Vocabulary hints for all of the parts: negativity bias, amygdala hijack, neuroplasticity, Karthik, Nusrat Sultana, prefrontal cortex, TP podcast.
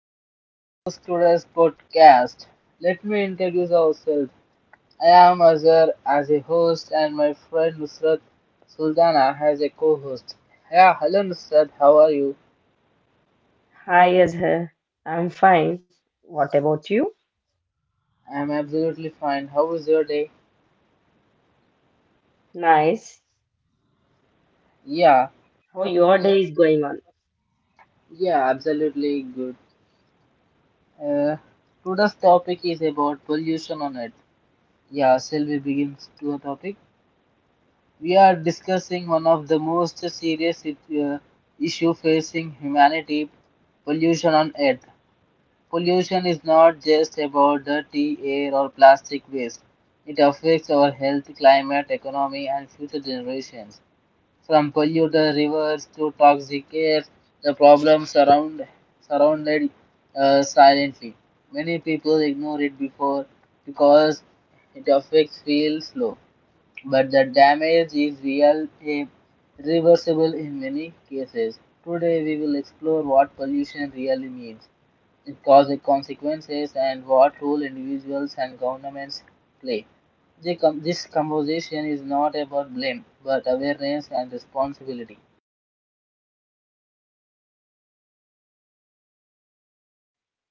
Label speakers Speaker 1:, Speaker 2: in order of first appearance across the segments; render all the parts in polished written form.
Speaker 1: welcome back to today's podcast. Let me introduce ourselves. I am Azhar as a host and my friend Nusrat Sultana as a co-host. Yeah, hello Nusrat, how are you?
Speaker 2: Hi, Azhar. I'm fine. What about you?
Speaker 1: I am absolutely fine. How was your day?
Speaker 2: Nice.
Speaker 1: Yeah,
Speaker 2: How your day is going on?
Speaker 1: yeah, absolutely good. Uh, Today's topic is about pollution on it. Yeah, shall we begin to a topic? We are discussing one of the most serious uh, issue facing humanity, pollution on earth. Pollution is not just about dirty air or plastic waste. It affects our health, climate, economy and future generations. From polluted rivers to toxic air, the problems surrounded silently. Many people ignore it before because it affects feel slow, but the damage is real and reversible in many cases. Today, we will explore what pollution really means, its causes, consequences, and what role individuals and governments play. This conversation is not about blame, but awareness and responsibility.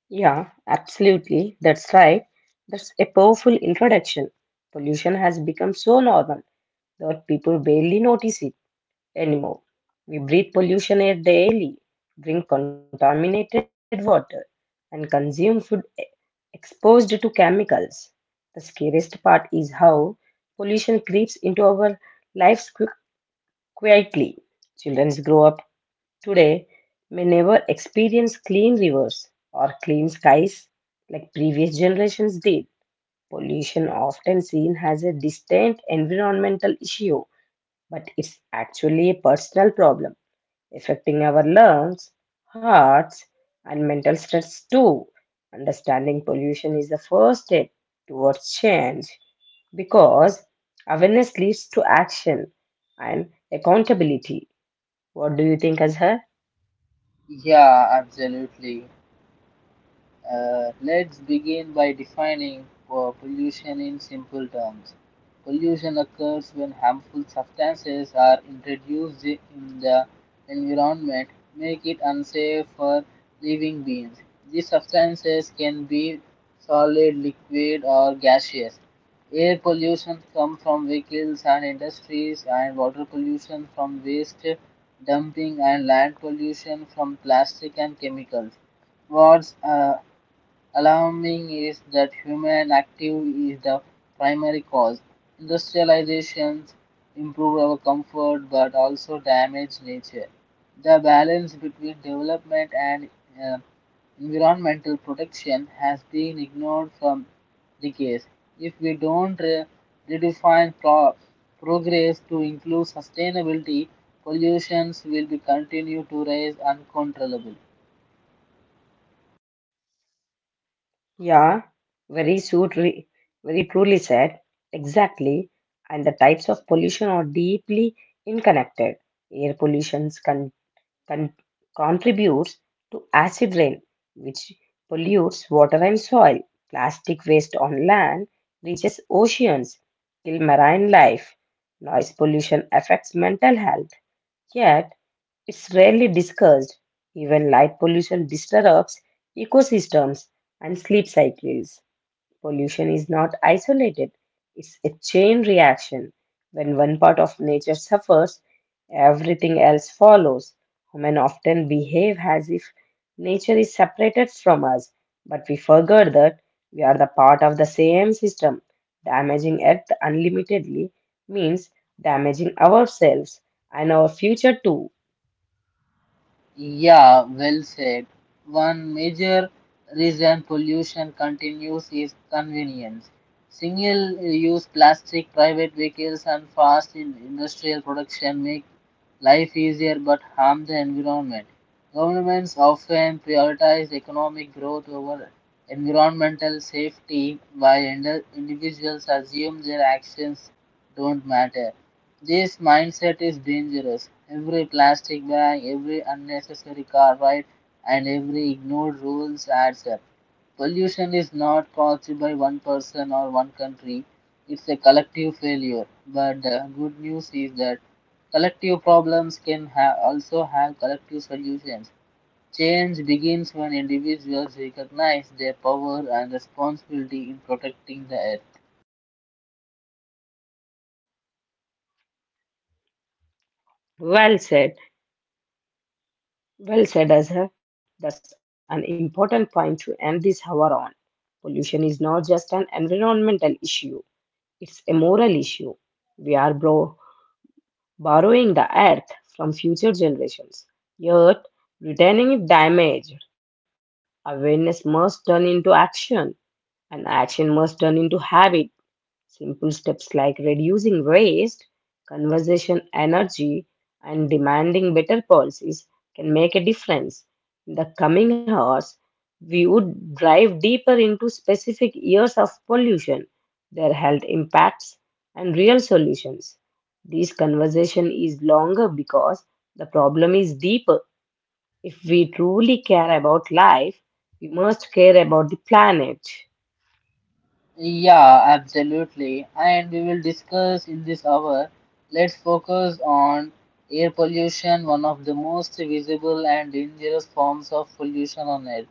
Speaker 2: Yeah, absolutely. That's right. That's a powerful introduction. Pollution has become so normal that people barely notice it anymore. We breathe pollution air daily, drink contaminated water, and consume exposed to chemicals. The scariest part is how pollution creeps into our lives quickly. Quietly, children grow up today may never experience clean rivers or clean skies like previous generations did. Pollution, often seen as a distant environmental issue, but it's actually a personal problem affecting our lungs, hearts, and mental stress too. Understanding pollution is the first step towards change because awareness leads to action and accountability. What do you think, Azhar?
Speaker 1: Yeah, absolutely. Let's begin by defining pollution in simple terms. Pollution occurs when harmful substances are introduced in the environment, make it unsafe for living beings. These substances can be solid, liquid, or gaseous. Air pollution comes from vehicles and industries, and water pollution from waste dumping, and land pollution from plastic and chemicals. What's Alarming is that human activity is the primary cause. Industrializations improve our comfort but also damage nature. The balance between development and uh, environmental protection has been ignored from decades. If we don't redefine progress to include sustainability, pollutions will be continue to rise uncontrollably.
Speaker 2: Yeah, very suit, re- Very truly said. Exactly. And the types of pollution are deeply interconnected. Air pollution con- contributes to acid rain, which pollutes water and soil. Plastic waste on land reaches oceans, kill marine life. Noise pollution affects mental health. Yet, it's rarely discussed. Even light pollution disrupts ecosystems and sleep cycles. Pollution is not isolated, it's a chain reaction. When one part of nature suffers, everything else follows. Humans often behave as if nature is separated from us, but we forget that we are the part of the same system. Damaging Earth unlimitedly means damaging ourselves and our future too.
Speaker 1: Yeah, well said. One major reason pollution continues is convenience. Single use plastic, private vehicles, and industrial production make life easier but harm the environment. Governments often prioritize economic growth over environmental safety, while individuals assume their actions don't matter. This mindset is dangerous. Every plastic bag, every unnecessary car ride, and every ignored rules adds up. Pollution is not caused by one person or one country. It's a collective failure. But the good news is that collective problems also have collective solutions. Change begins when individuals recognize their power and responsibility in protecting the earth.
Speaker 2: Well said. Well said, Azhar. That's an important point to end this hour on. Pollution is not just an environmental issue, it's a moral issue. We are borrowing the earth from future generations, yet returning it damaged. Awareness must turn into action, and action must turn into habit. Simple steps like reducing waste, conversation energy, and demanding better policies can make a difference. In the coming hours, we would dive deeper into specific years of pollution, their health impacts, and real solutions. This conversation is longer because the problem is deeper. If we truly care about life, we must care about the planet.
Speaker 1: Yeah, absolutely. And we will discuss in this hour. Let's focus on air pollution, one of the most visible and dangerous forms of pollution on Earth.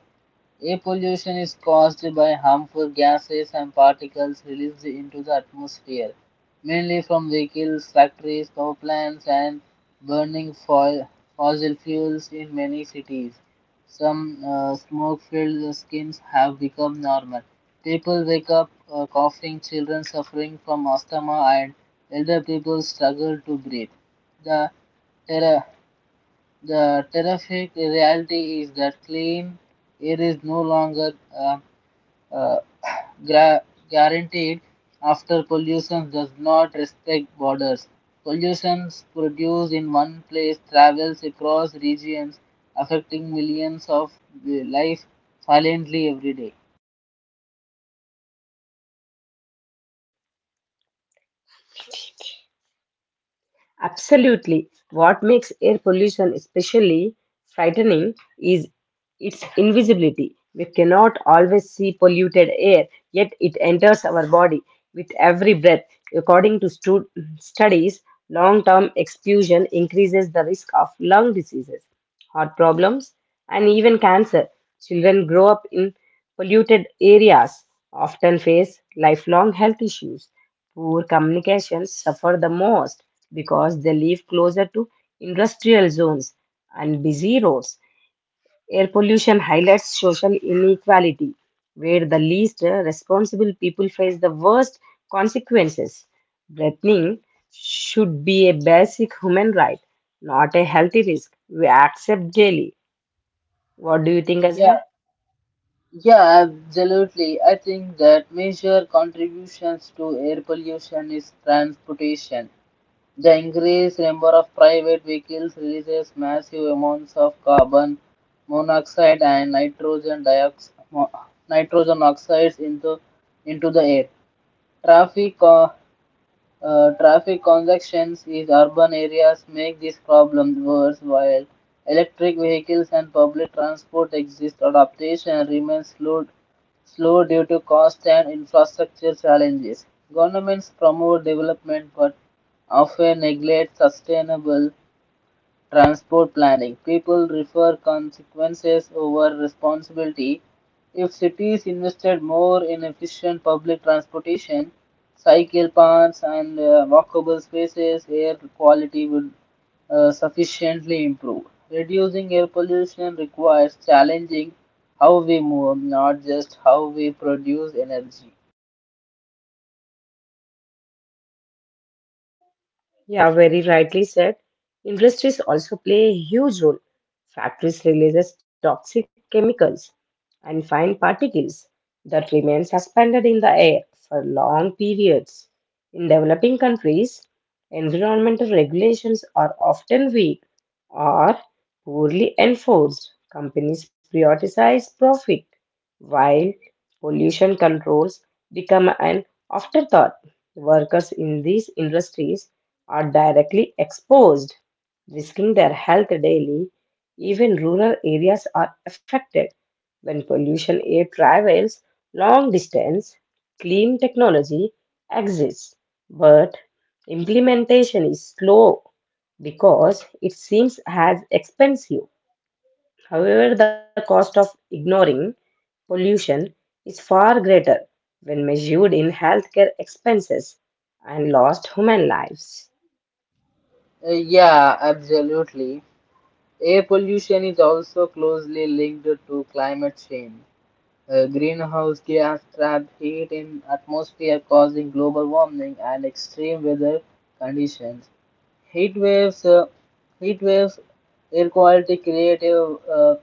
Speaker 1: Air pollution is caused by harmful gases and particles released into the atmosphere, mainly from vehicles, factories, power plants, and burning foil, fossil fuels in many cities. Some smoke filled skins have become normal. People wake up coughing, children suffering from asthma, and elder people struggle to breathe. The terror the terrific reality is that clean air is no longer uh, gra- guaranteed after pollution does not respect borders. Pollution produced in one place travels across regions, affecting millions of life violently every day.
Speaker 2: Absolutely. What makes air pollution especially frightening is its invisibility. We cannot always see polluted air, yet it enters our body with every breath. According to studies, long term exposure increases the risk of lung diseases, heart problems, and even cancer. Children grow up in polluted areas, often face lifelong health issues. Poor communications suffer the most because they live closer to industrial zones and busy roads. Air pollution highlights social inequality, where the least responsible people face the worst consequences. Breathing should be a basic human right, not a healthy risk we accept daily. What do you think,
Speaker 1: Yeah,
Speaker 2: Azhar?
Speaker 1: yeah, absolutely. I think that major contributions to air pollution is transportation. The increased number of private vehicles releases massive amounts of carbon monoxide and nitrogen dioxide, nitrogen oxides into the air. Traffic uh, Traffic congestions in urban areas make this problem worse while electric vehicles and public transport exist. Adaptation remains slow due to cost and infrastructure challenges. Governments promote development but often neglect sustainable transport planning. People refer consequences over responsibility. If cities invested more in efficient public transportation, cycle paths and walkable spaces, air quality would sufficiently improve. Reducing air pollution requires challenging how we move, not just how we produce energy.
Speaker 2: Yeah, very rightly said. Industries also play a huge role. Factories releases toxic chemicals and fine particles that remain suspended in the air for long periods. In developing countries, environmental regulations are often weak or poorly enforced. Companies prioritize profit while pollution controls become an afterthought. Workers in these industries are directly exposed, risking their health daily. Even rural areas are affected. When pollution air travels long distance, clean technology exists, but implementation is slow because it seems as expensive. However, the cost of ignoring pollution is far greater when measured in healthcare expenses and lost human lives.
Speaker 1: Yeah, absolutely. Air pollution is also closely linked to climate change. Greenhouse gas trapped heat in atmosphere causing global warming and extreme weather conditions. Heat waves, uh, Heat waves, air quality creative uh,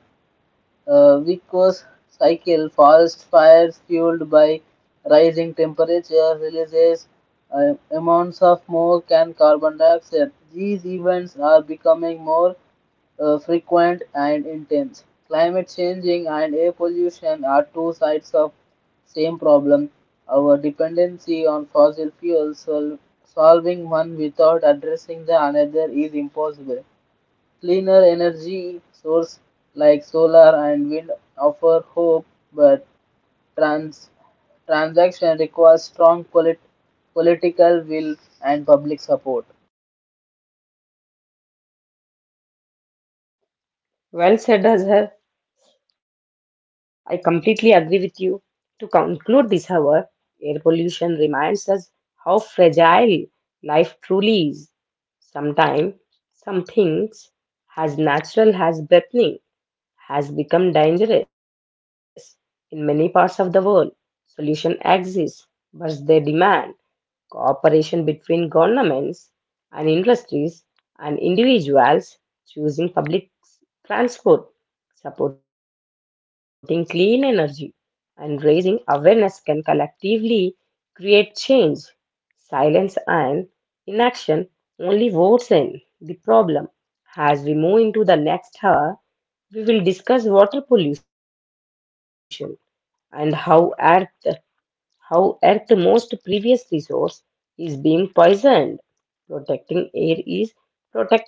Speaker 1: uh, Vico's cycle, forest fires fueled by rising temperature, releases amounts of smoke and carbon dioxide. These events are becoming more frequent and intense. Climate changing and air pollution are two sides of same problem. Our dependency on fossil fuels, solving one without addressing the another is impossible. Cleaner energy sources like solar and wind offer hope, but trans- transaction requires strong political will and public support.
Speaker 2: Well said, Azhar. I completely agree with you. To conclude this hour, air pollution reminds us how fragile life truly is. Sometimes, some things as natural as breathing has become dangerous in many parts of the world. Solution exists, but they demand cooperation between governments and industries and individuals choosing public transport, supporting clean energy, and raising awareness can collectively create change. Silence and inaction only worsen the problem. As we move into the next hour, we will discuss water pollution and how air how at the most previous resource is being poisoned. Protecting air is protecting life.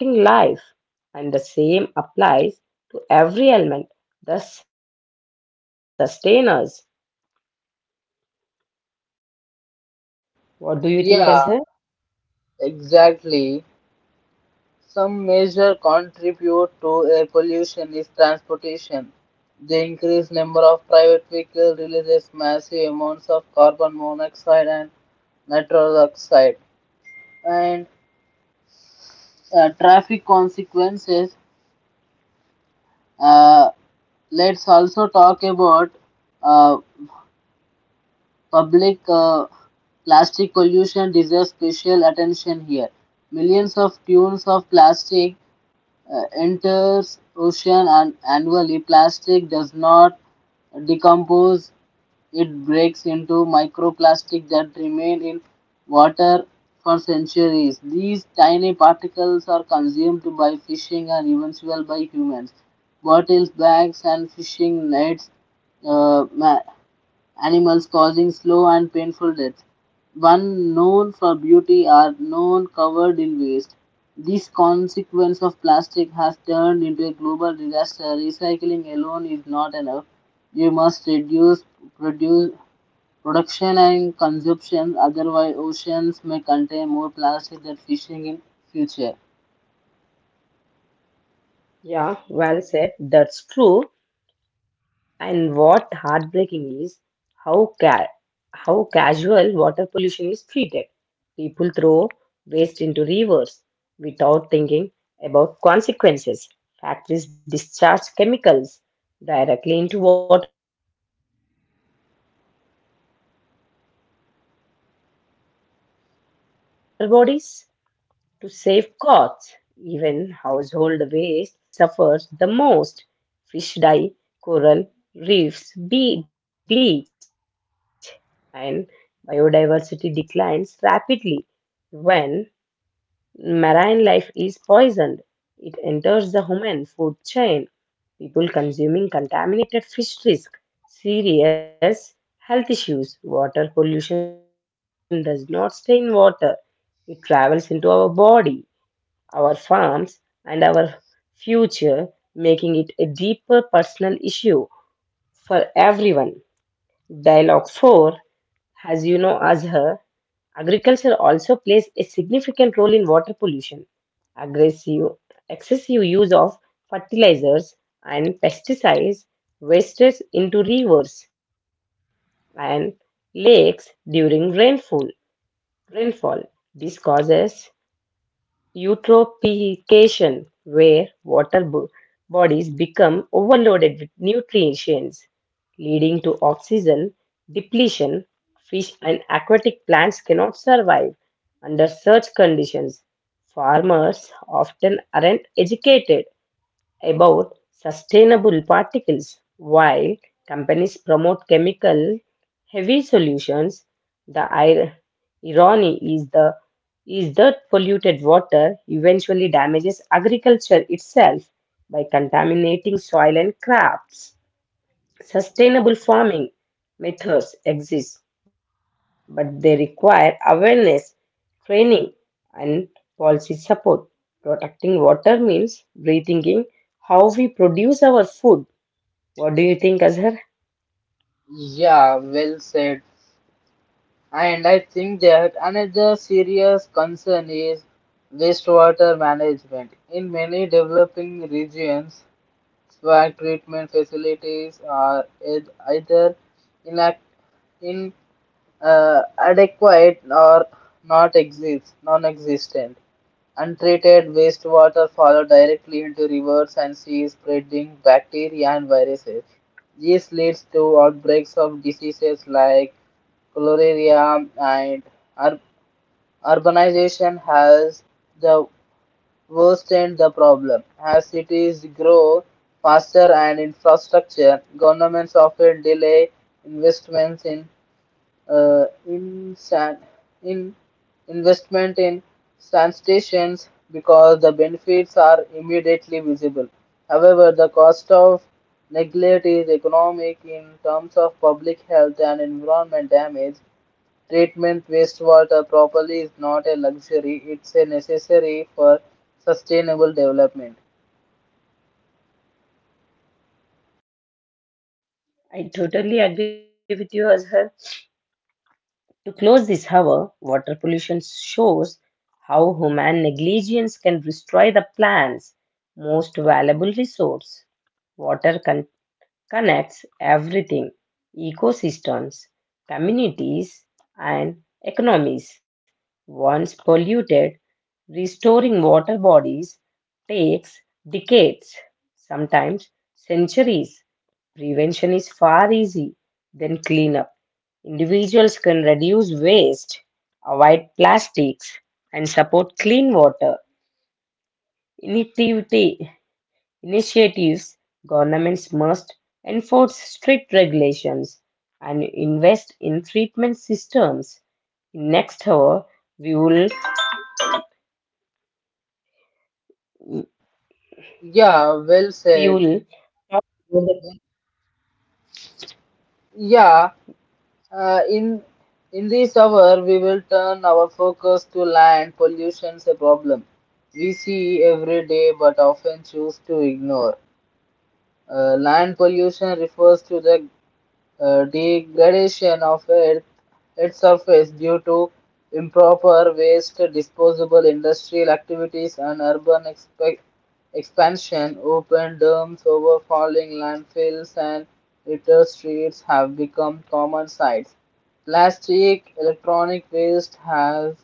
Speaker 2: And the same applies to every element, that the us. What do you think,
Speaker 1: Yeah,
Speaker 2: Azhar?
Speaker 1: exactly. Some major contribute to air pollution is transportation. The increased number of private vehicles releases massive amounts of carbon monoxide and nitrous oxide. And traffic consequences. Uh, let's also talk about uh, public plastic pollution deserves special attention here. Millions of tons of plastic enters ocean and annually plastic does not decompose, it breaks into microplastic that remain in water for centuries. These tiny particles are consumed by fishing and eventually by humans. Bottles, bags and fishing nets uh, ma- animals causing slow and painful death. One known for beauty are known covered in waste. This consequence of plastic has turned into a global disaster. Recycling alone is not enough. You must produce, production and consumption, otherwise oceans may contain more plastic than fishing in future.
Speaker 2: Yeah, well said. That's true. And what heartbreaking is how ca- how casual water pollution is treated. People throw waste into rivers without thinking about consequences. Factories discharge chemicals directly into water bodies. To save costs, even household waste contributes through untreated sewage. Aquatic life suffers the most. Fish die, coral reefs bleach, and biodiversity declines rapidly. When marine life is poisoned, it enters the human food chain. People consuming contaminated fish risk serious health issues. Water pollution does not stay in water, it travels into our body, our farms, and our future, making it a deeper personal issue for everyone. Dialogue 4 has Azhar. Agriculture also plays a significant role in water pollution. Aggressive, excessive use of fertilizers and pesticides wastes into rivers and lakes during rainfall. Rainfall. This causes eutrophication, where bodies become overloaded with nutrients, leading to oxygen depletion. Fish and aquatic plants cannot survive under such conditions. Farmers often aren't educated about sustainable particles. While companies promote chemical heavy solutions, the ir- irony is the is that polluted water eventually damages agriculture itself by contaminating soil and crops. Sustainable farming methods exist, but they require awareness, training, and policy support. Protecting water means rethinking how we produce our food. What do you think, Azhar?
Speaker 1: Yeah, well said. And I think that another serious concern is wastewater management. In many developing regions, swag treatment facilities are either inac- adequate or not exist, non-existent. Untreated wastewater falls directly into rivers and seas, spreading bacteria and viruses. This leads to outbreaks of diseases like cholera and ur- urbanization has the worsened the problem. As cities grow faster and infrastructure, governments often delay investments in san in investment in sand stations because the benefits are immediately visible. However, the cost of neglect is economic in terms of public health and environment damage. Treatment wastewater properly is not a luxury, it's a necessary for sustainable development.
Speaker 2: I totally agree with you, Azhar. To close this hour, water pollution shows how human negligence can destroy the plant's most valuable resource. Water contains connects everything ecosystems, communities, and economies. Once polluted, restoring water bodies takes decades, sometimes centuries. Prevention is far easy than cleanup. Individuals can reduce waste, avoid plastics, and support clean water. Initiative Initiatives, governments must enforce strict regulations and invest in treatment systems. In next hour, we will,
Speaker 1: Yeah, well
Speaker 2: we
Speaker 1: said.
Speaker 2: will talk about the-
Speaker 1: Yeah, Uh, in in this hour, we will turn our focus to land pollution, a problem we see every day but often choose to ignore. Land pollution refers to the degradation of earth, its surface due to improper waste disposal, industrial activities, and expansion. Open dams, overfalling landfills, and litter streets have become common sights. Plastic electronic waste has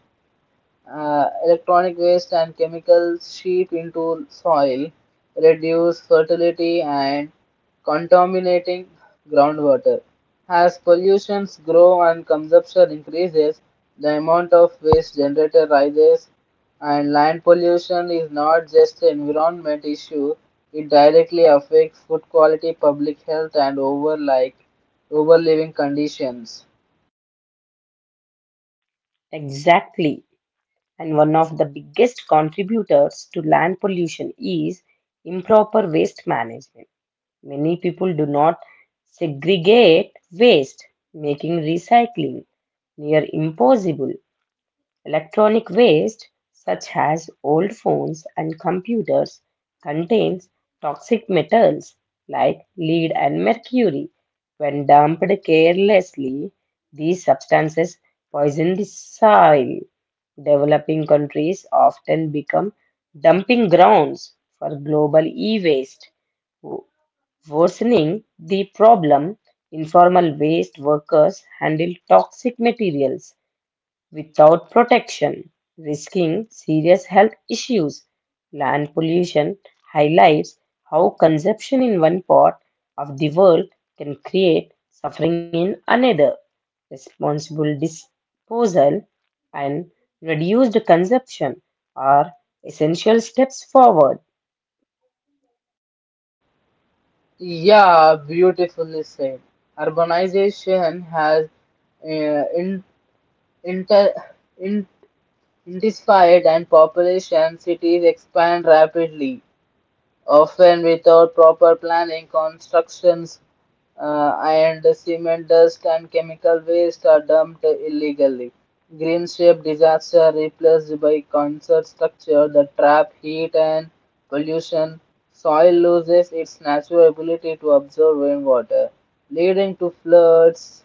Speaker 1: Electronic waste and chemicals seep into soil, reduce fertility and contaminating groundwater. As pollutions grow and consumption increases, the amount of waste generated rises and land pollution is not just an environment issue, it directly affects food quality, public health and overliving conditions.
Speaker 2: exactly. And one of the biggest contributors to land pollution is improper waste management. Many people do not segregate waste, making recycling near impossible. Electronic waste, such as old phones and computers, contains toxic metals like lead and mercury. When dumped carelessly, these substances poison the soil. Developing countries often become dumping grounds for global e waste, worsening the problem. Informal waste workers handle toxic materials without protection, risking serious health issues. Land pollution highlights how consumption in one part of the world can create suffering in another. Responsible disposal and reduced consumption are essential steps forward.
Speaker 1: Yeah, beautifully said. Urbanization has uh, in, inter, in, intensified and population cities expand rapidly. Often without proper planning, constructions and cement dust and chemical waste are dumped illegally. Green shape disaster replaced by concert structure that trap heat and pollution. Soil loses its natural ability to absorb rainwater, leading to floods.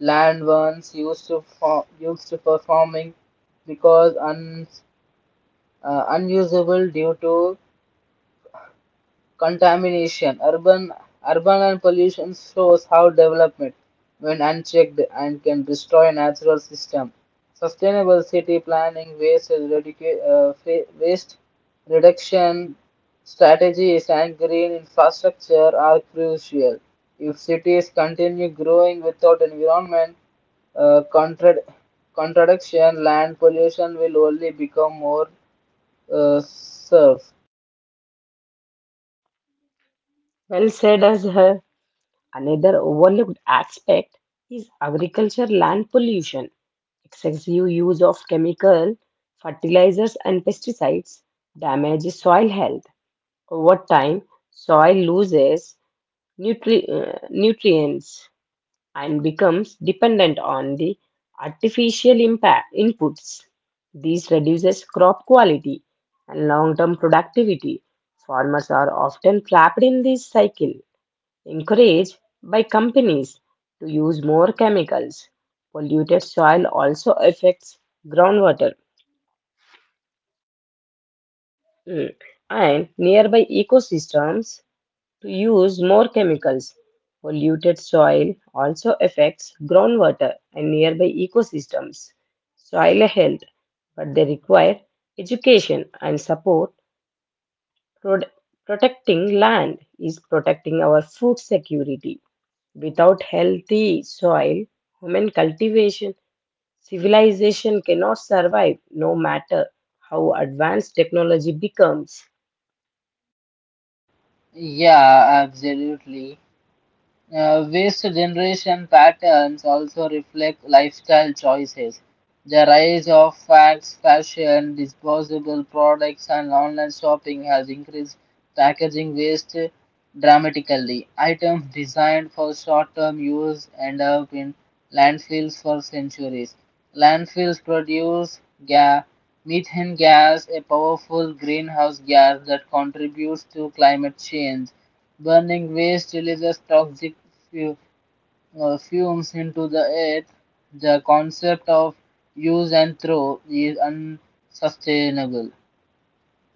Speaker 1: Land once used for farming because un, unusable due to contamination. Urban and pollution shows how development, when unchecked, and can destroy natural system. Sustainable city planning, waste reduction strategies, and green infrastructure are crucial. If cities continue growing without environment uh, contra- contradiction, land pollution will only become more serve.
Speaker 2: Well said, Azhar. Another overlooked aspect is agriculture land pollution. Excessive use of chemical fertilizers and pesticides damages soil health. Over time, soil loses nutrients and becomes dependent on the artificial impact inputs. This reduces crop quality and long-term productivity. Farmers are often trapped in this cycle encouraged by companies to use more chemicals. Polluted soil also affects groundwater mm, and nearby ecosystems to use more chemicals. Polluted soil also affects groundwater and nearby ecosystems, soil health, but they require education and support. Prod- Protecting land is protecting our food security. Without healthy soil, human cultivation, civilization cannot survive no matter how advanced technology becomes.
Speaker 1: Yeah, absolutely. Waste generation patterns also reflect lifestyle choices. The rise of fads, fashion, disposable products, and online shopping has increased packaging waste dramatically. Items designed for short term use end up in landfills for centuries. Landfills produce ga- methane gas, a powerful greenhouse gas that contributes to climate change. Burning waste releases toxic fu- fumes into the air. The concept of use and throw is unsustainable.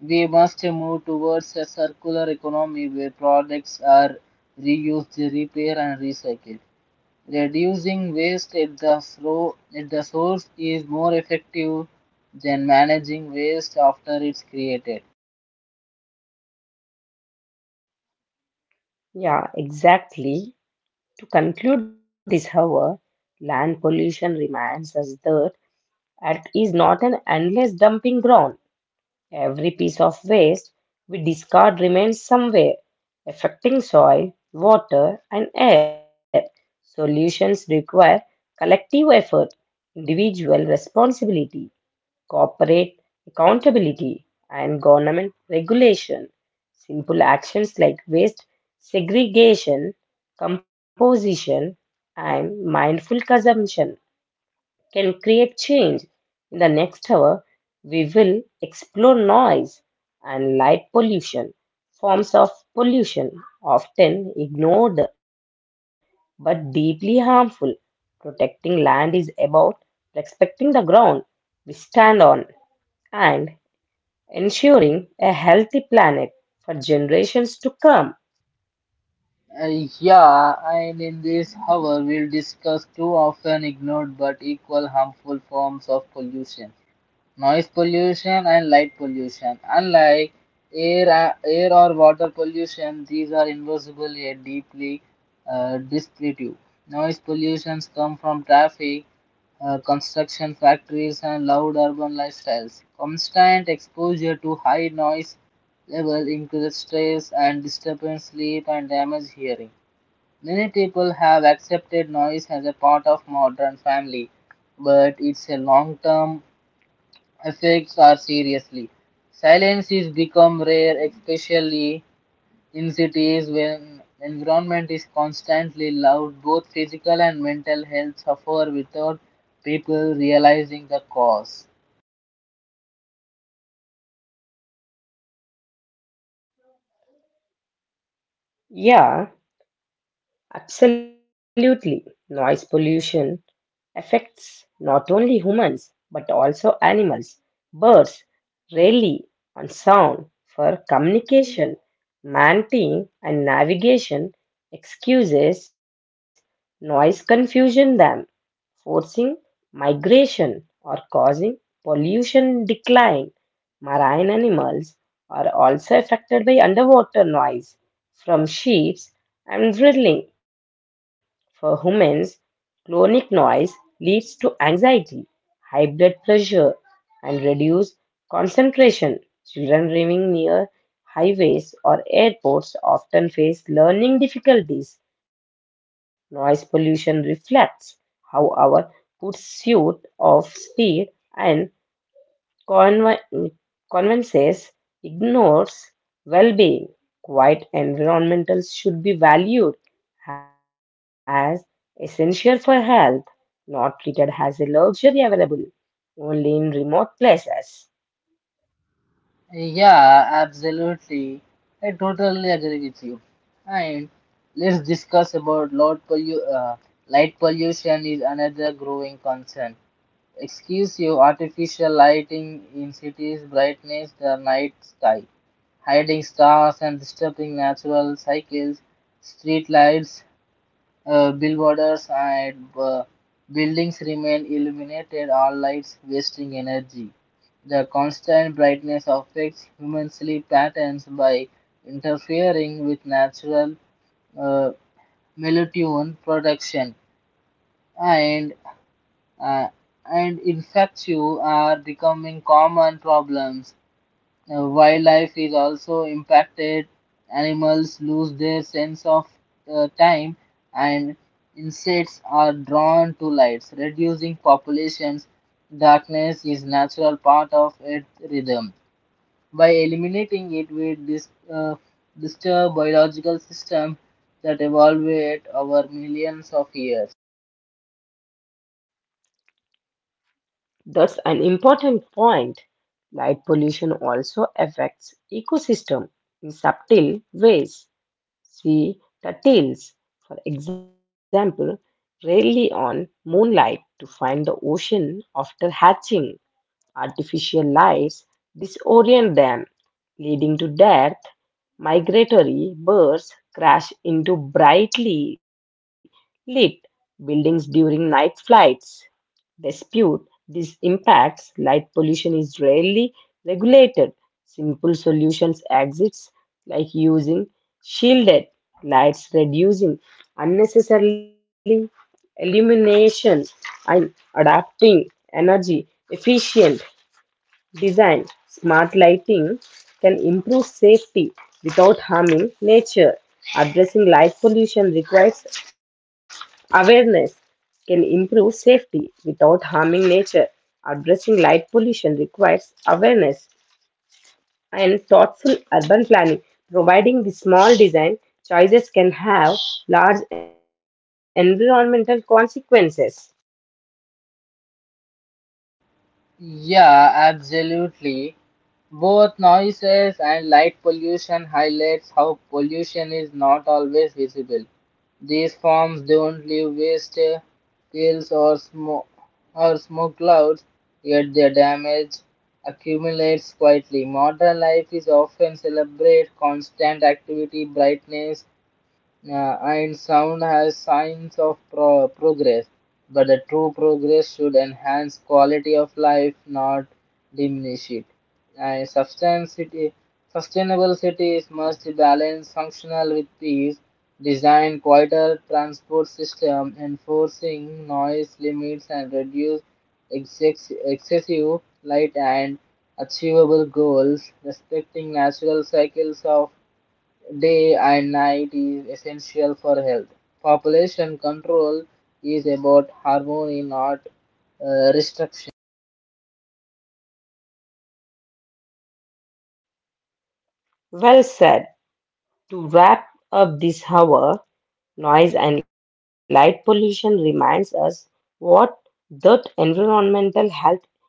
Speaker 1: We must move towards a circular economy where products are reused, repaired, and recycled. Reducing waste at the source is more effective than managing waste after it's created.
Speaker 2: Yeah, exactly. To conclude this, however, land pollution reminds us that Earth is not an endless dumping ground. Every piece of waste we discard remains somewhere, affecting soil, water, and air. Solutions require collective effort, individual responsibility, corporate accountability, and government regulation. Simple actions like waste segregation, composition, and mindful consumption can create change. In the next hour, we will explore noise and light pollution, forms of pollution often ignored but deeply harmful. Protecting land is about respecting the ground we stand on and ensuring a healthy planet for generations to come.
Speaker 1: Yeah, and in this hour, we'll discuss two often ignored but equal harmful forms of pollution: noise pollution and light pollution. Unlike air or water pollution, these are invisible yet deeply destructive. Noise pollutions come from traffic, construction factories, and loud urban lifestyles. Constant exposure to high noise level increases stress and disturbance sleep and damage hearing. Many people have accepted noise as a part of modern family, but its long-term effects are seriously. Silence is become rare, especially in cities when environment is constantly loud. Both physical and mental health suffer without people realizing the cause.
Speaker 2: Yeah, absolutely. Noise pollution affects not only humans but also animals. Birds rely on sound for communication, mating, and navigation. Excuses noise confusion them, forcing migration or causing pollution decline. Marine animals are also affected by underwater noise from ships and drilling. For humans, chronic noise leads to anxiety, high blood pressure, and reduced concentration. Children living near highways or airports often face learning difficulties. Noise pollution reflects how our pursuit of speed and Conven- convences ignores well-being. Quiet environmentals should be valued as essential for health, not treated as a luxury available only in remote places.
Speaker 1: Yeah, absolutely. I totally agree with you. And let's discuss about light pollution is another growing concern. Excuse you, artificial lighting in cities brightens the night sky, hiding stars and disturbing natural cycles. Street lights billboards and buildings remain illuminated, all lights wasting energy. The constant brightness affects human sleep patterns by interfering with natural uh, melatonin production, and uh, infections are becoming common problems. Wildlife is also impacted. Animals lose their sense of time, and insects are drawn to lights, reducing populations. Darkness is natural part of its rhythm. By eliminating it, we disturb biological system that evolved over millions of years.
Speaker 2: That's an important point. Light pollution also affects ecosystem in subtle ways. See the tails, for example, rarely on moonlight to find the ocean after hatching. Artificial lights disorient them, leading to death. Migratory birds crash into brightly lit buildings during night flights dispute these impacts, light pollution is rarely regulated. Simple solutions exist, like using shielded lights, reducing unnecessarily illumination, and adapting energy efficient designed smart lighting can improve safety without harming nature. Addressing light pollution requires awareness, can improve safety without harming nature. Addressing light pollution requires awareness and thoughtful urban planning. Providing the small design choices can have large environmental consequences.
Speaker 1: Yeah, absolutely. Both noises and light pollution highlights how pollution is not always visible. These forms don't leave waste, kills or smoke clouds, yet their damage accumulates quietly. Modern life is often celebrate constant activity, brightness, and sound has signs of progress, but the true progress should enhance quality of life, not diminish it. And sustainable cities must balance functional with peace, design quieter transport system, enforcing noise limits and reduce excessive light and achievable goals, respecting natural cycles of day and night is essential for health. Population control is about harmony, not restriction.
Speaker 2: Well said. To wrap up this hour, noise and light pollution reminds us what the environmental health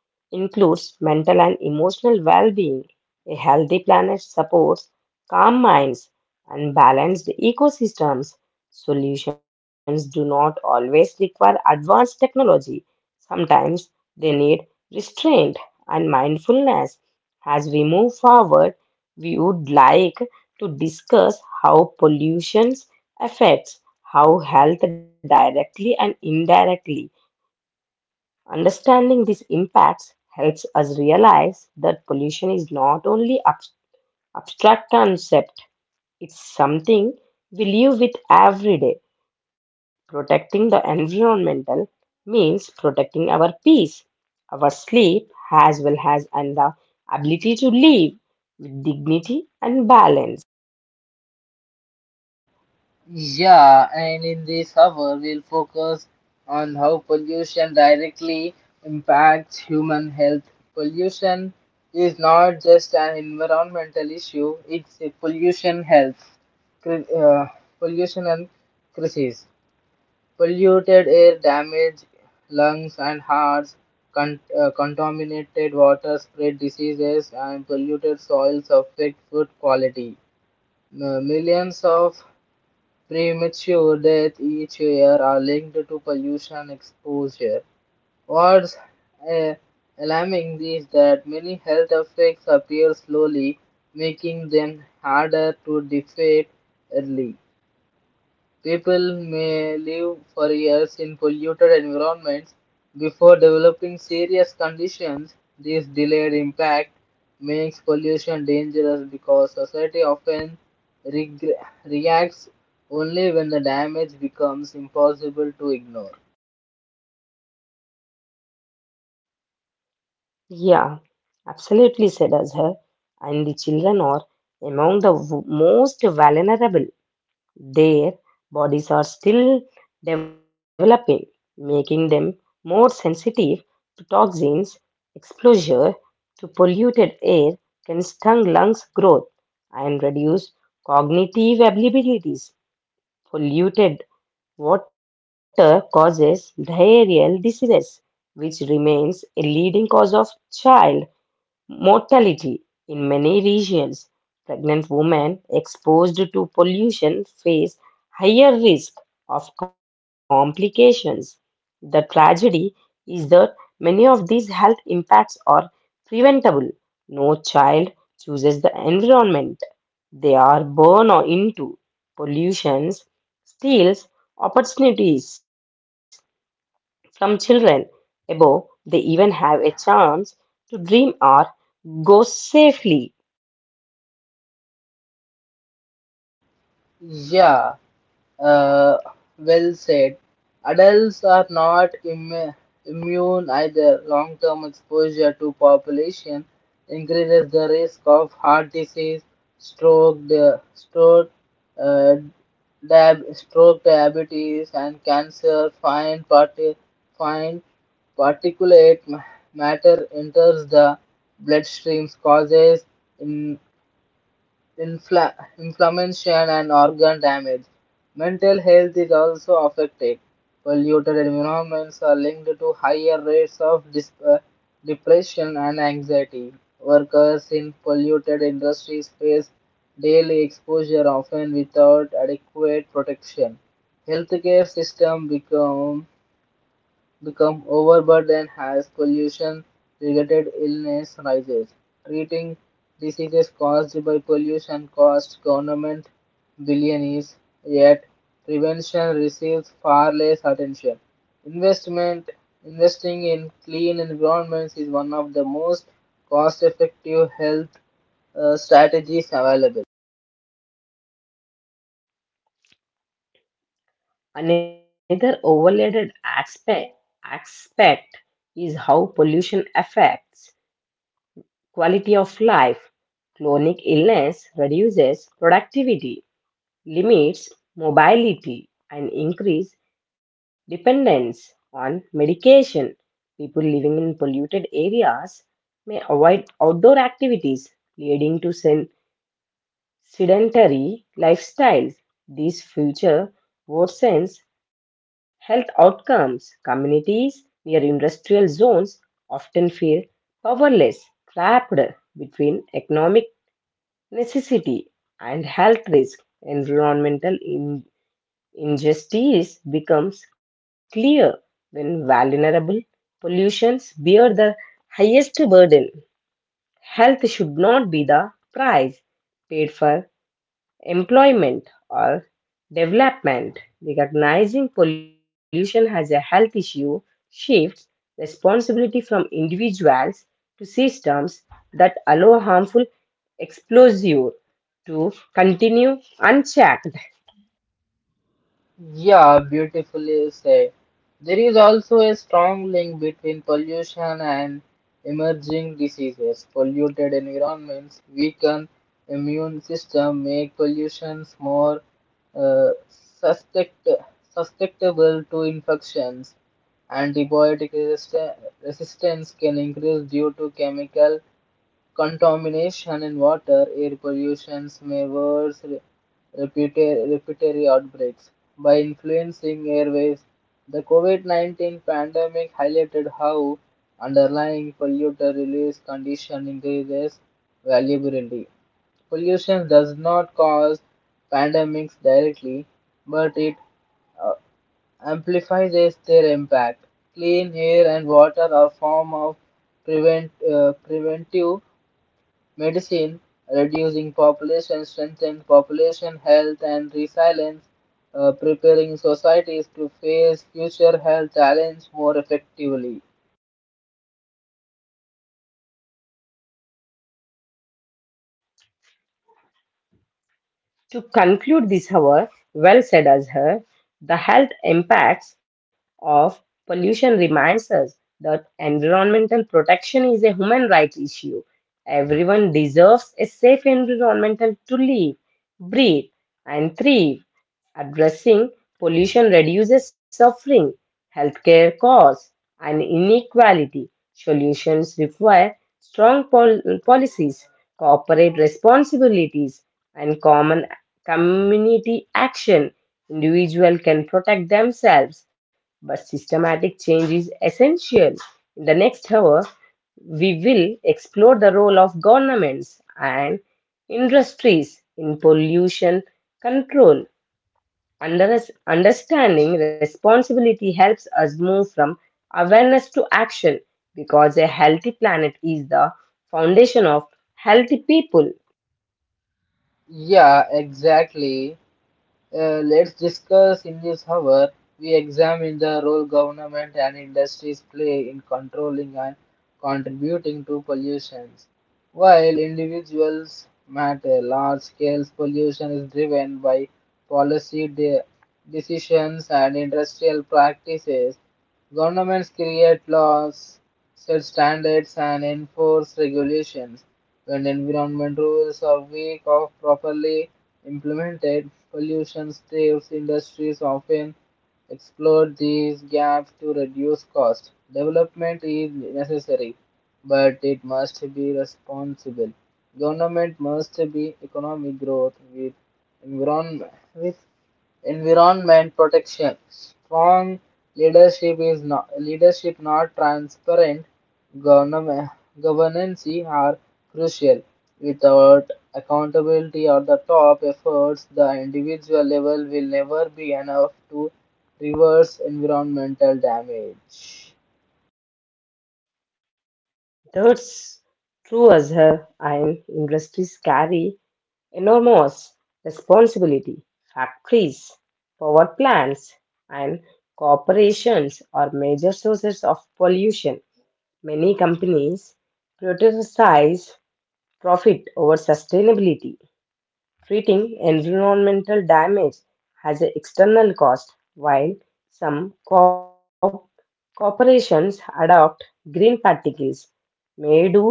Speaker 2: includes mental and emotional well being. A healthy planet supports calm minds and balanced ecosystems. Solutions do not always require advanced technology, sometimes they need restraint and mindfulness. As we move forward, we would like to discuss how pollution affects how health directly and indirectly. Understanding these impacts helps us realize that pollution is not only abstract concept, it's something we live with every day. Protecting the environmental means protecting our peace, our sleep, as well as and the ability to live with dignity and balance.
Speaker 1: Yeah, and in this hour, we'll focus on how pollution directly impacts human health. Pollution is not just an environmental issue, it's a pollution health, cri- uh, pollution and crisis. Polluted air damages lungs and hearts. Contaminated water spread diseases, and polluted soils affect food quality. Millions of premature deaths each year are linked to pollution exposure. What's uh, alarming is that many health effects appear slowly, making them harder to defeat early. People may live for years in polluted environments before developing serious conditions. This delayed impact makes pollution dangerous because society often regre reacts only when the damage becomes impossible to ignore.
Speaker 2: Yeah, absolutely said Azhar. And the children are among the most vulnerable. Their bodies are still developing, making them more sensitive to toxins. Exposure to polluted air can stung lungs growth and reduce cognitive abilities. Polluted water causes diarrheal diseases, which remains a leading cause of child mortality. In many regions, pregnant women exposed to pollution face higher risk of complications. The tragedy is that many of these health impacts are preventable. No child chooses the environment they are born into. Pollution steals opportunities. Some children, above, they even have a chance to dream or go safely.
Speaker 1: Yeah, Uh, well said. Adults are not immune either. Long term exposure to population increases the risk of heart disease, stroke, the stroke, uh, stroke, diabetes, and cancer. Fine, fine particulate matter enters the bloodstream, causes in- inflammation and organ damage. Mental health is also affected. Polluted environments are linked to higher rates of depression and anxiety. Workers in polluted industries face daily exposure often without adequate protection. Healthcare system become overburdened, and as pollution-related illness rises. Treating diseases caused by pollution costs government billions, yet prevention receives far less attention. Investment Investing in clean environments is one of the most cost-effective health strategies available.
Speaker 2: Another overloaded aspect is how pollution affects quality of life. Chronic illness reduces productivity, limits mobility, and increase dependence on medication. People living in polluted areas may avoid outdoor activities, leading to sedentary lifestyles. These future worsens health outcomes. Communities near industrial zones often feel powerless, trapped between economic necessity and health risk. Environmental injustice becomes clear when vulnerable pollutions bear the highest burden. Health should not be the price paid for employment or development, recognizing pollution as a health issue shifts responsibility from individuals to systems that allow harmful exposure to continue unchecked.
Speaker 1: Yeah, beautifully said. There is also a strong link between pollution and emerging diseases. Polluted environments weaken immune system, make pollutions more uh, suspect, susceptible to infections. Antibiotic resistance can increase due to chemical contamination in water, air pollution may worsen respiratory outbreaks. By influencing airways, the COVID COVID-19 pandemic highlighted how underlying polluter release condition increases vulnerability. Pollution does not cause pandemics directly, but it uh, amplifies their impact. Clean air and water are form of preventive medicine, reducing population, strengthening population health and resilience, preparing societies to face future health challenge more effectively.
Speaker 2: To conclude this hour, well said as her, the health impacts of pollution reminds us that environmental protection is a human rights issue. Everyone deserves a safe environmental to live, breathe, and thrive. Addressing pollution reduces suffering, healthcare costs, and inequality. Solutions require strong policies, corporate responsibilities, and common community action. Individuals can protect themselves, but systematic change is essential. In the next hour, we will explore the role of governments and industries in pollution control. Under- understanding responsibility helps us move from awareness to action because a healthy planet is the foundation of healthy people.
Speaker 1: Yeah, exactly. Let's discuss in this hour. We examine the role government and industries play in controlling and contributing to pollution. While individuals matter, large scale pollution is driven by policy de- decisions and industrial practices. Governments create laws, set standards, and enforce regulations. When environment rules are weak or properly implemented, pollution staves industries often exploit these gaps to reduce cost. Development is necessary, but it must be responsible. Government must be economic growth with environment protection. Strong leadership is not leadership not transparent Government governance are crucial. Without accountability at the top efforts, the individual level will never be enough to reverse environmental damage.
Speaker 2: That's true as her, and industries carry enormous responsibility. Factories, power plants, and corporations are major sources of pollution. Many companies prioritize profit over sustainability. Treating environmental damage has an external cost, while some corporations adopt green particles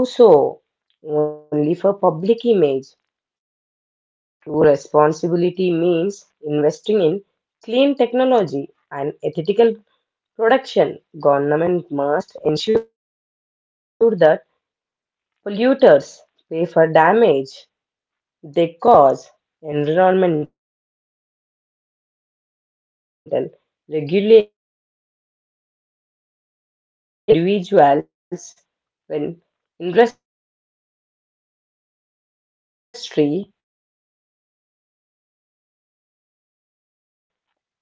Speaker 2: may do so only for public image. True responsibility means investing in clean technology and ethical production. Government must ensure that polluters pay for damage they cause. Environmental regulations should not be seen as barriers but as safeguards for long-term stability. When individuals, when industry operate responsibly,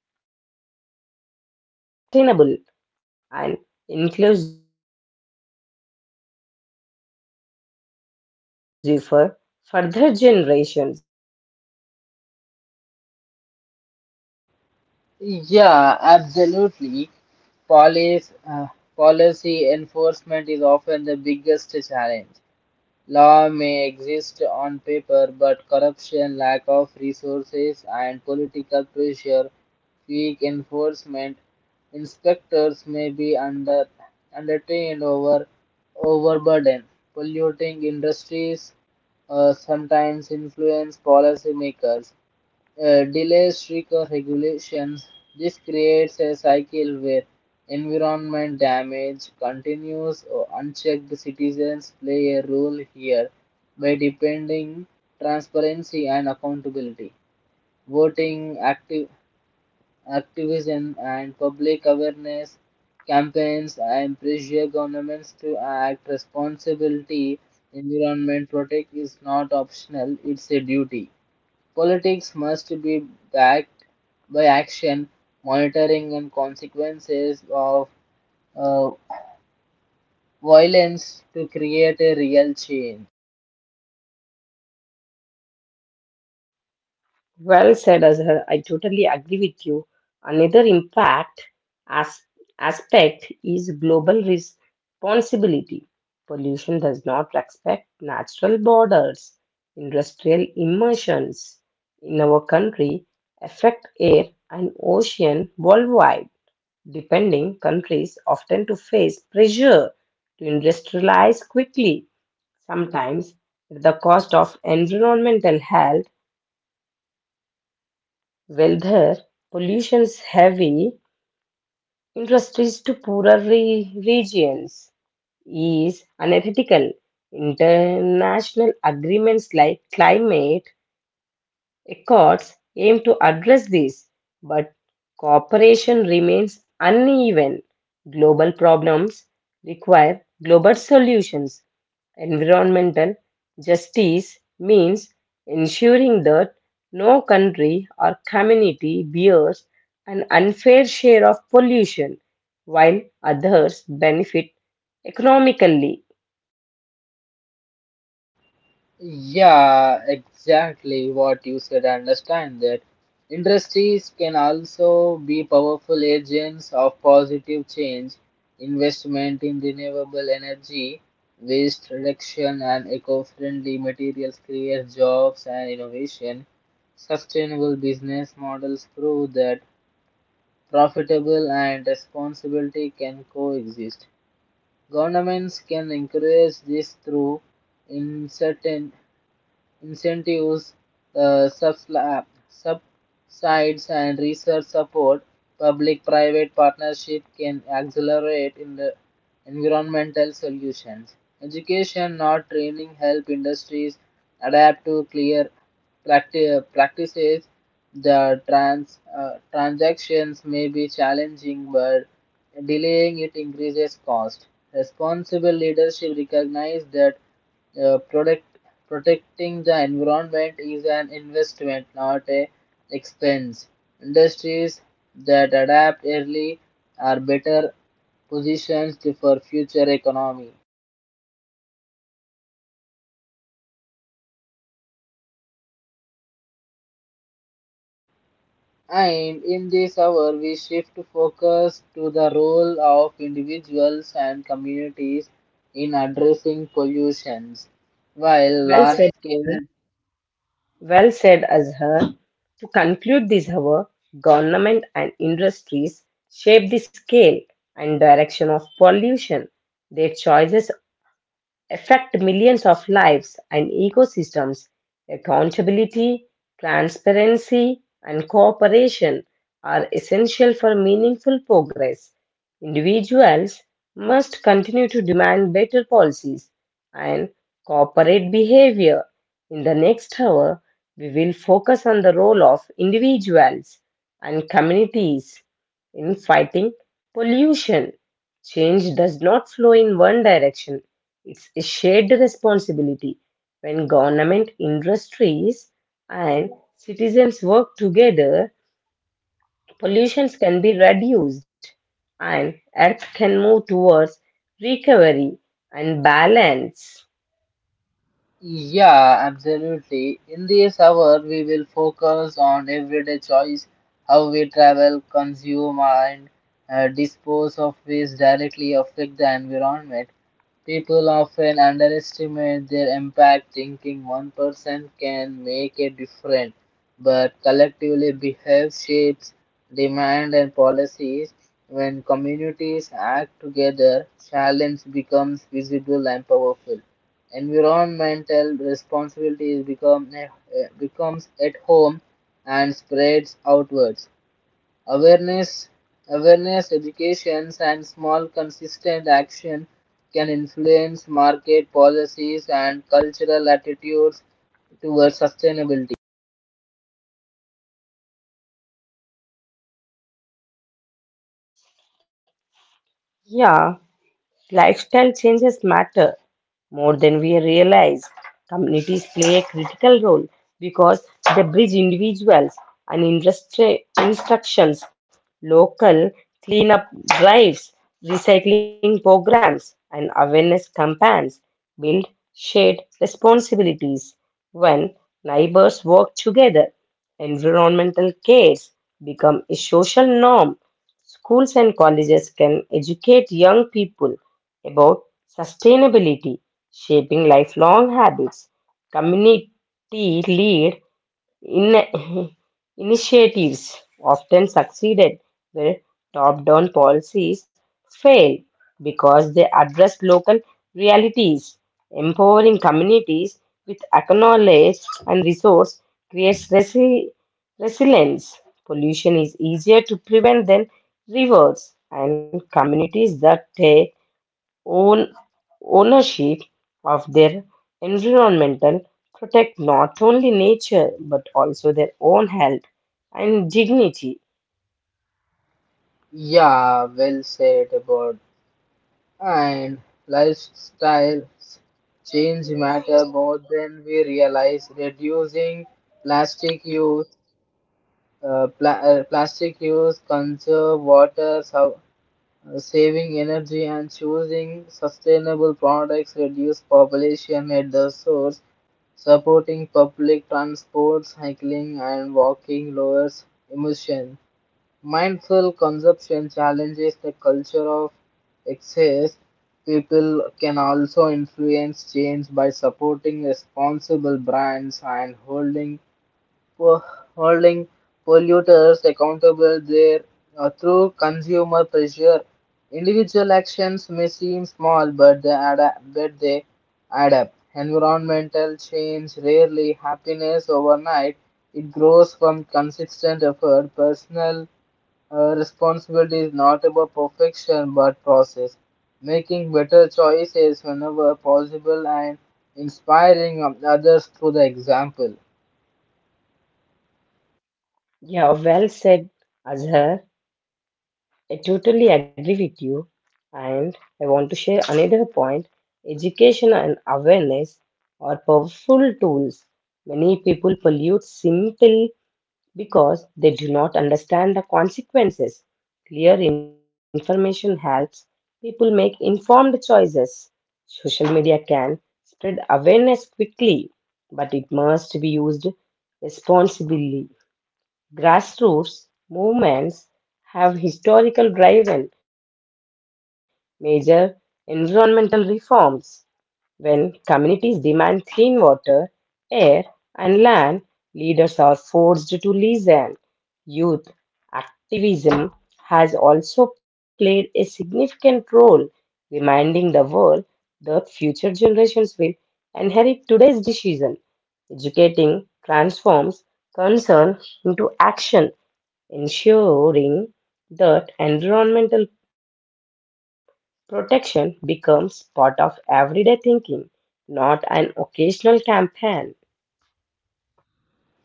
Speaker 2: innovation thrives and economic growth becomes more sustainable and inclusive for further generations
Speaker 1: Yeah, absolutely. Police, uh, Policy
Speaker 2: and
Speaker 1: enforcement is
Speaker 2: policy.
Speaker 1: often the biggest challenge. Law may exist on paper, but corruption, lack of resources, and political pressure weak enforcement inspectors may be undertrained overburdened. Polluting industries sometimes influence policymakers delays stricter regulations. This creates a cycle where environment damage continues or unchecked citizens play a role here by depending transparency and accountability. Voting, active, Activism and public awareness campaigns and pressure governments to act responsibility environment protect is not optional, it's a duty. Politics must be backed by action, monitoring, and consequences of uh, violence to create a real change.
Speaker 2: Well said, Azhar. I totally agree with you. Another impact as- aspect is global responsibility. Pollution does not respect natural borders. Industrial immersions in our country affect air and ocean worldwide. Depending countries often to face pressure to industrialize quickly, sometimes at the cost of environmental health. Whether pollution's heavy industries to poorer regions is unethical. International agreements like climate Accords aim to address these, but cooperation remains uneven. Global problems require global solutions. Environmental justice means ensuring that no country or community bears an unfair share of pollution while others benefit economically.
Speaker 1: Yeah, exactly what you said. I understand that. Industries can also be powerful agents of positive change. Investment in renewable energy, waste reduction, and eco friendly materials create jobs and innovation. Sustainable business models prove that profitable and responsibility can coexist. Governments can encourage this through incentives incentives, subsides, and research support, public-private partnership can accelerate in the environmental solutions. Education, not training, help industries adapt to clear practices. The transactions may be challenging, but delaying it increases cost. Responsible leadership recognizes that uh, product, protecting the environment is an investment, not a expense. Industries that adapt early are better positioned for future economy. And in this hour, we shift focus to the role of individuals and communities in addressing pollutions. While
Speaker 2: Well
Speaker 1: large
Speaker 2: said.
Speaker 1: scale
Speaker 2: Well said, Azhar. To conclude this however, government and industries shape the scale and direction of pollution. Their choices affect millions of lives and ecosystems. Accountability, transparency, and cooperation are essential for meaningful progress. Individuals must continue to demand better policies and corporate behavior. In the next hour, we will focus on the role of individuals and communities in fighting pollution. Change does not flow in one direction, it's a shared responsibility. When government, industries, and citizens work together, pollutions can be reduced, and Earth can move towards recovery and balance.
Speaker 1: Yeah, absolutely. In this hour, we will focus on everyday choice, how we travel, consume, and dispose of waste directly affect the environment. People often underestimate their impact, thinking one person can make a difference, but collectively behave shapes demand and policies. When communities act together, challenge becomes visible and powerful. Environmental responsibility is becomes at home and spreads outwards. Awareness, awareness, educations, and small consistent action can influence market policies and cultural attitudes towards sustainability.
Speaker 2: Yeah. Lifestyle changes matter more than we realize. Communities play a critical role because they bridge individuals and industry instructions, local cleanup drives, recycling programs, and awareness campaigns build shared responsibilities. When neighbors work together, environmental cares become a social norm. Schools and colleges can educate young people about sustainability, shaping lifelong habits. Community led in- initiatives often succeeded where top down policies fail because they address local realities. Empowering communities with knowledge and resource creates resilience. Pollution is easier to prevent than rewards, and communities that take own ownership of their environmental protect not only nature but also their own health and dignity.
Speaker 1: Yeah, well said about and lifestyles change matter more than we realize. Reducing plastic use, plastic use, conserve water, saving energy and choosing sustainable products reduce population at the source. Supporting public transport, cycling, and walking lowers emission. Mindful consumption challenges the culture of excess. People can also influence change by supporting responsible brands and for holding polluters accountable there through consumer pressure. Individual actions may seem small, but they add up, but they add up. Environmental change rarely happiness overnight. It grows from consistent effort. Personal responsibility is not about perfection but process. Making better choices whenever possible and inspiring others through the example.
Speaker 2: Yeah, well said, Azhar. I totally agree with you. And I want to share another point. Education and awareness are powerful tools. Many people pollute simple because they do not understand the consequences. Clear information helps people make informed choices. Social media can spread awareness quickly, but it must be used responsibly. Grassroots movements have historical driven major environmental reforms. When communities demand clean water, air, and land, leaders are forced to listen. Youth activism has also played a significant role, reminding the world that future generations will inherit today's decisions. Educating transforms concern into action, ensuring that environmental protection becomes part of everyday thinking, not an occasional campaign.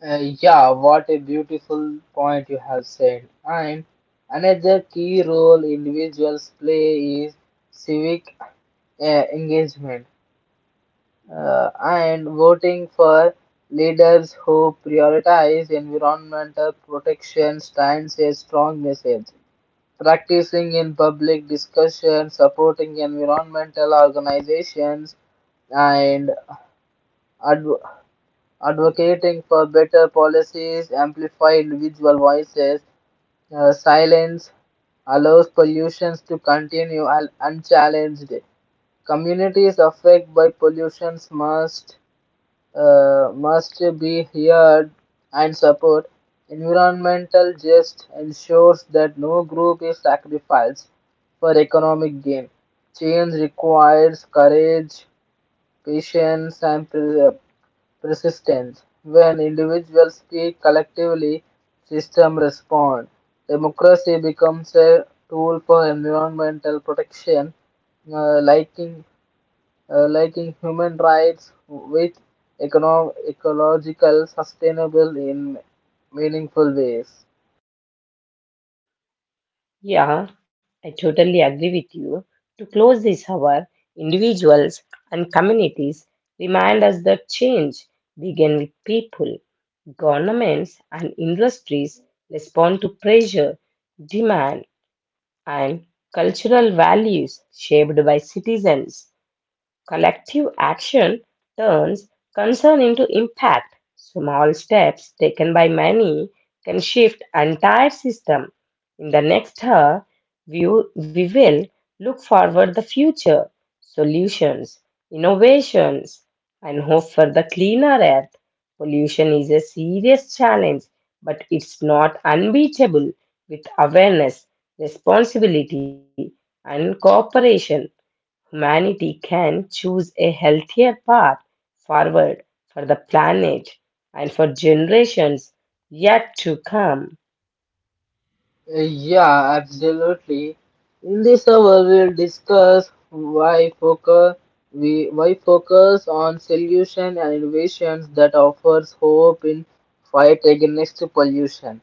Speaker 1: Yeah, what a beautiful point you have said. And another key role individuals play is civic uh, engagement and voting for leaders who prioritize environmental protection stands a strong message. Practicing in public discussion, supporting environmental organizations, and adv- advocating for better policies amplify individual voices. Silence allows pollutions to continue unchallenged. Communities affected by pollutions must be heard and support. Environmental justice ensures that no group is sacrificed for economic gain. Change requires courage, patience, and persistence. When individuals speak collectively, systems respond. Democracy becomes a tool for environmental protection, uh, liking, liking human rights with ecological sustainable in meaningful ways.
Speaker 2: Yeah, I totally agree with you. To close this hour, individuals and communities remind us that change begins with people. Governments and industries respond to pressure, demand, and cultural values shaped by citizens. Collective action turns concern into impact. Small steps taken by many can shift entire system. In the next hour, we, we will look forward the future, solutions, innovations, and hope for the cleaner earth. Pollution is a serious challenge, but it's not unbeatable. With awareness, responsibility, and cooperation humanity can choose a healthier path forward for the planet and for generations yet to come.
Speaker 1: Yeah, absolutely. In this hour, we'll discuss why focus on solution and innovations that offers hope in fight against pollution.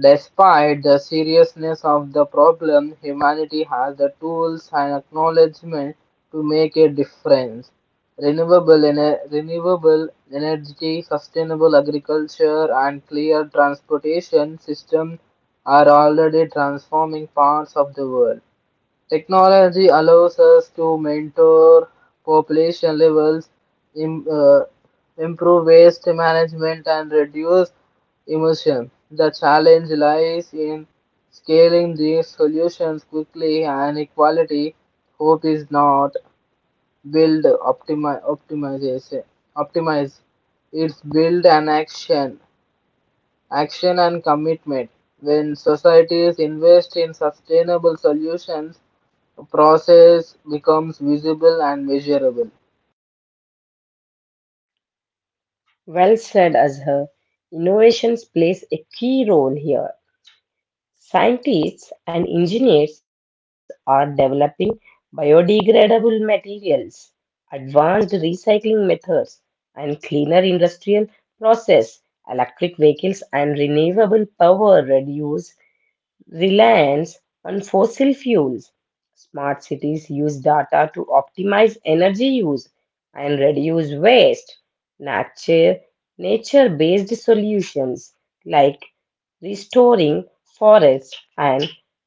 Speaker 1: Despite the seriousness of the problem, humanity has the tools and acknowledgement to make a difference. Renewable energy, sustainable agriculture, and clear transportation systems are already transforming parts of the world. Technology allows us to monitor population levels, im- uh, improve waste management, and reduce emission. The challenge lies in scaling these solutions quickly and equality. Hope is not build optimization. Optimize. It's build an action, action and commitment. When societies invest in sustainable solutions, process becomes visible and measurable.
Speaker 2: Well said, Azhar. Innovations plays a key role here. Scientists and engineers are developing biodegradable materials, advanced recycling methods, and cleaner industrial process. Electric vehicles and renewable power reduce reliance on fossil fuels. Smart cities use data to optimize energy use and reduce waste. Nature, nature-based solutions like restoring forests and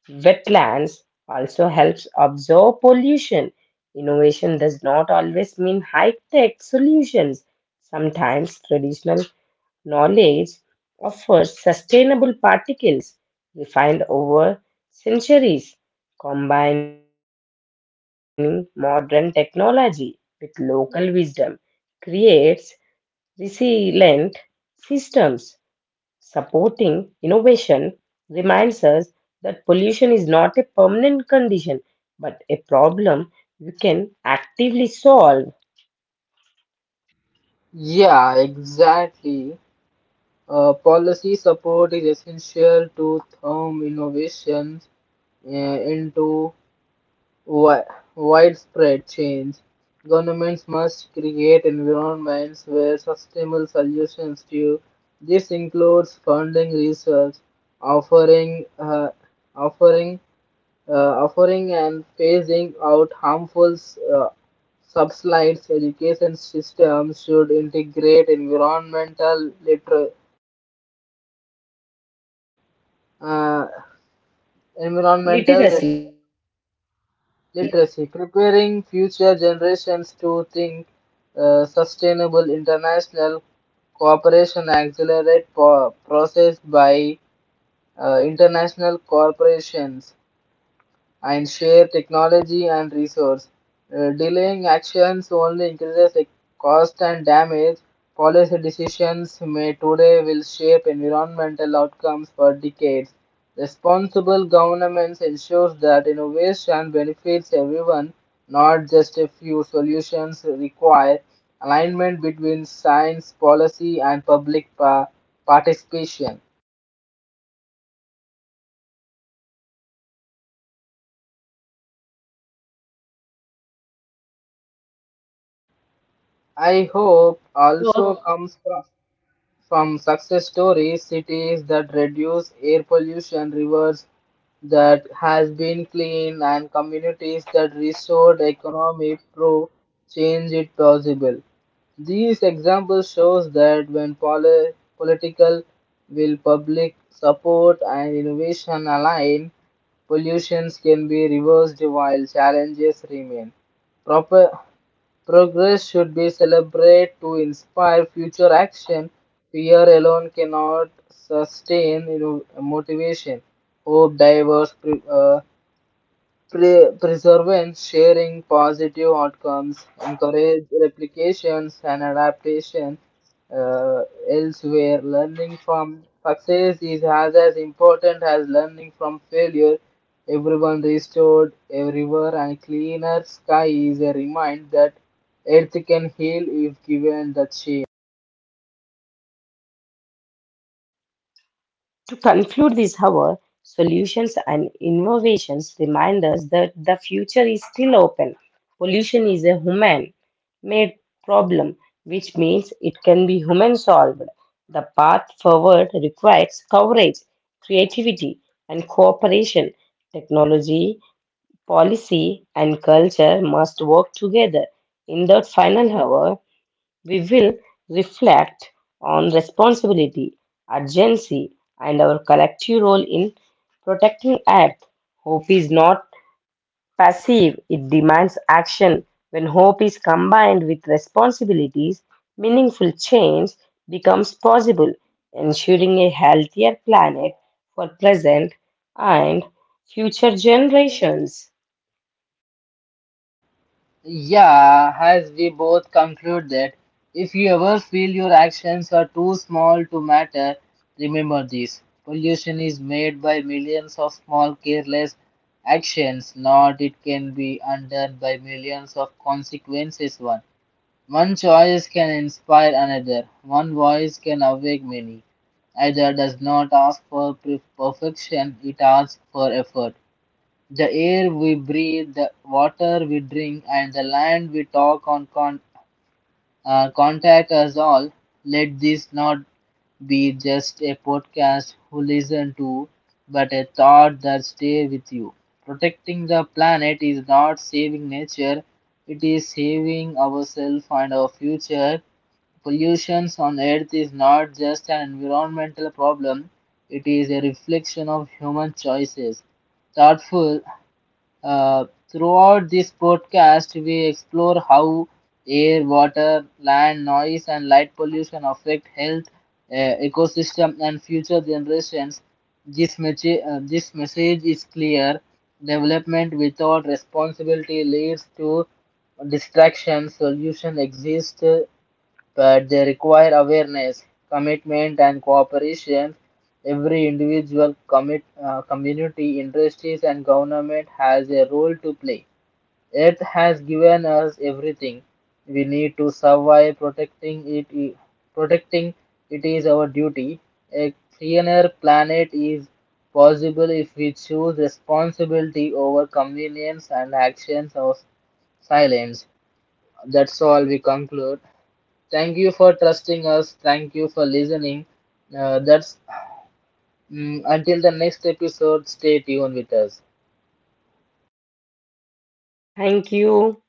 Speaker 2: wetlands also helps absorb pollution. Innovation does not always mean high-tech solutions. Sometimes traditional knowledge offers sustainable particles refined over centuries, combining modern technology with local wisdom creates resilient systems supporting innovation reminds us that pollution is not a permanent condition but a problem you can actively solve.
Speaker 1: Yeah, exactly. Policy support is essential to turn innovations uh, into wi- widespread change. Governments must create environments where sustainable solutions to this includes funding research, offering uh, offering offering and phasing out harmful uh, subsides. Education systems should integrate uh, environmental
Speaker 2: Literacy
Speaker 1: literacy, preparing future generations to think sustainable international cooperation accelerate process by international corporations and share technology and resource. Delaying actions only increases the cost and damage. Policy decisions made today will shape environmental outcomes for decades. Responsible governments ensures that innovation benefits everyone, not just a few solutions require alignment between science, policy, and participation.
Speaker 2: another important solution is redefining success and progress,
Speaker 1: I
Speaker 2: economic
Speaker 1: hope also
Speaker 2: growth.
Speaker 1: comes from success stories, cities that reduce air pollution, rivers that has been clean, and communities that restored economy prove change it possible. These examples shows that when political will public support and innovation align, pollutions can be reversed while challenges remain. Proper Progress should be celebrated to inspire future action. Fear alone cannot sustain you know, motivation. Hope diverse preservance, sharing positive outcomes, encourage replications and adaptation uh, elsewhere. Learning from success as important as learning from failure. Everyone restored, everywhere, and cleaner sky is a reminder that earth can heal if given the chance.
Speaker 2: To conclude this hour, solutions and innovations remind us that the future is still open. Pollution is a human made problem, which means it can be human solved. The path forward requires courage, creativity, and cooperation. Technology policy and culture must work together. In the final hour, we will reflect on responsibility, urgency, and our collective role in protecting Earth. Hope is not passive, it demands action. When hope is combined with responsibilities, meaningful change becomes possible, ensuring a healthier planet for present and future generations.
Speaker 1: Yeah, as we both conclude that if you ever feel your actions are too small to matter, remember this. Pollution is made by millions of small careless actions, not it can be undone by millions of consequences one. One choice can inspire another, one voice can awake many. Either does not ask for perfection, it asks for effort. The air we breathe, the water we drink, and the land we talk on contact us all. Let this not be just a podcast who listen to, but a thought that stay with you. Protecting the planet is not saving nature; it is saving ourselves and our future. Pollution on Earth is not just an environmental problem; it is a reflection of human choices. Thoughtful Throughout this podcast, we explore how air, water, land, noise, and light pollution affect health, ecosystem, and future generations. This message is clear. Development without responsibility leads to distraction. Solution exists but they require awareness, commitment, and cooperation. Every community, industries, and government has a role to play. Earth has given us everything we need to survive. Protecting it is our duty. A cleaner planet is possible if we choose responsibility over convenience and actions of silence. That's all. We conclude. Thank you for trusting us. Thank you for listening. Uh, that's until the next episode. Stay tuned with us.
Speaker 2: Thank you.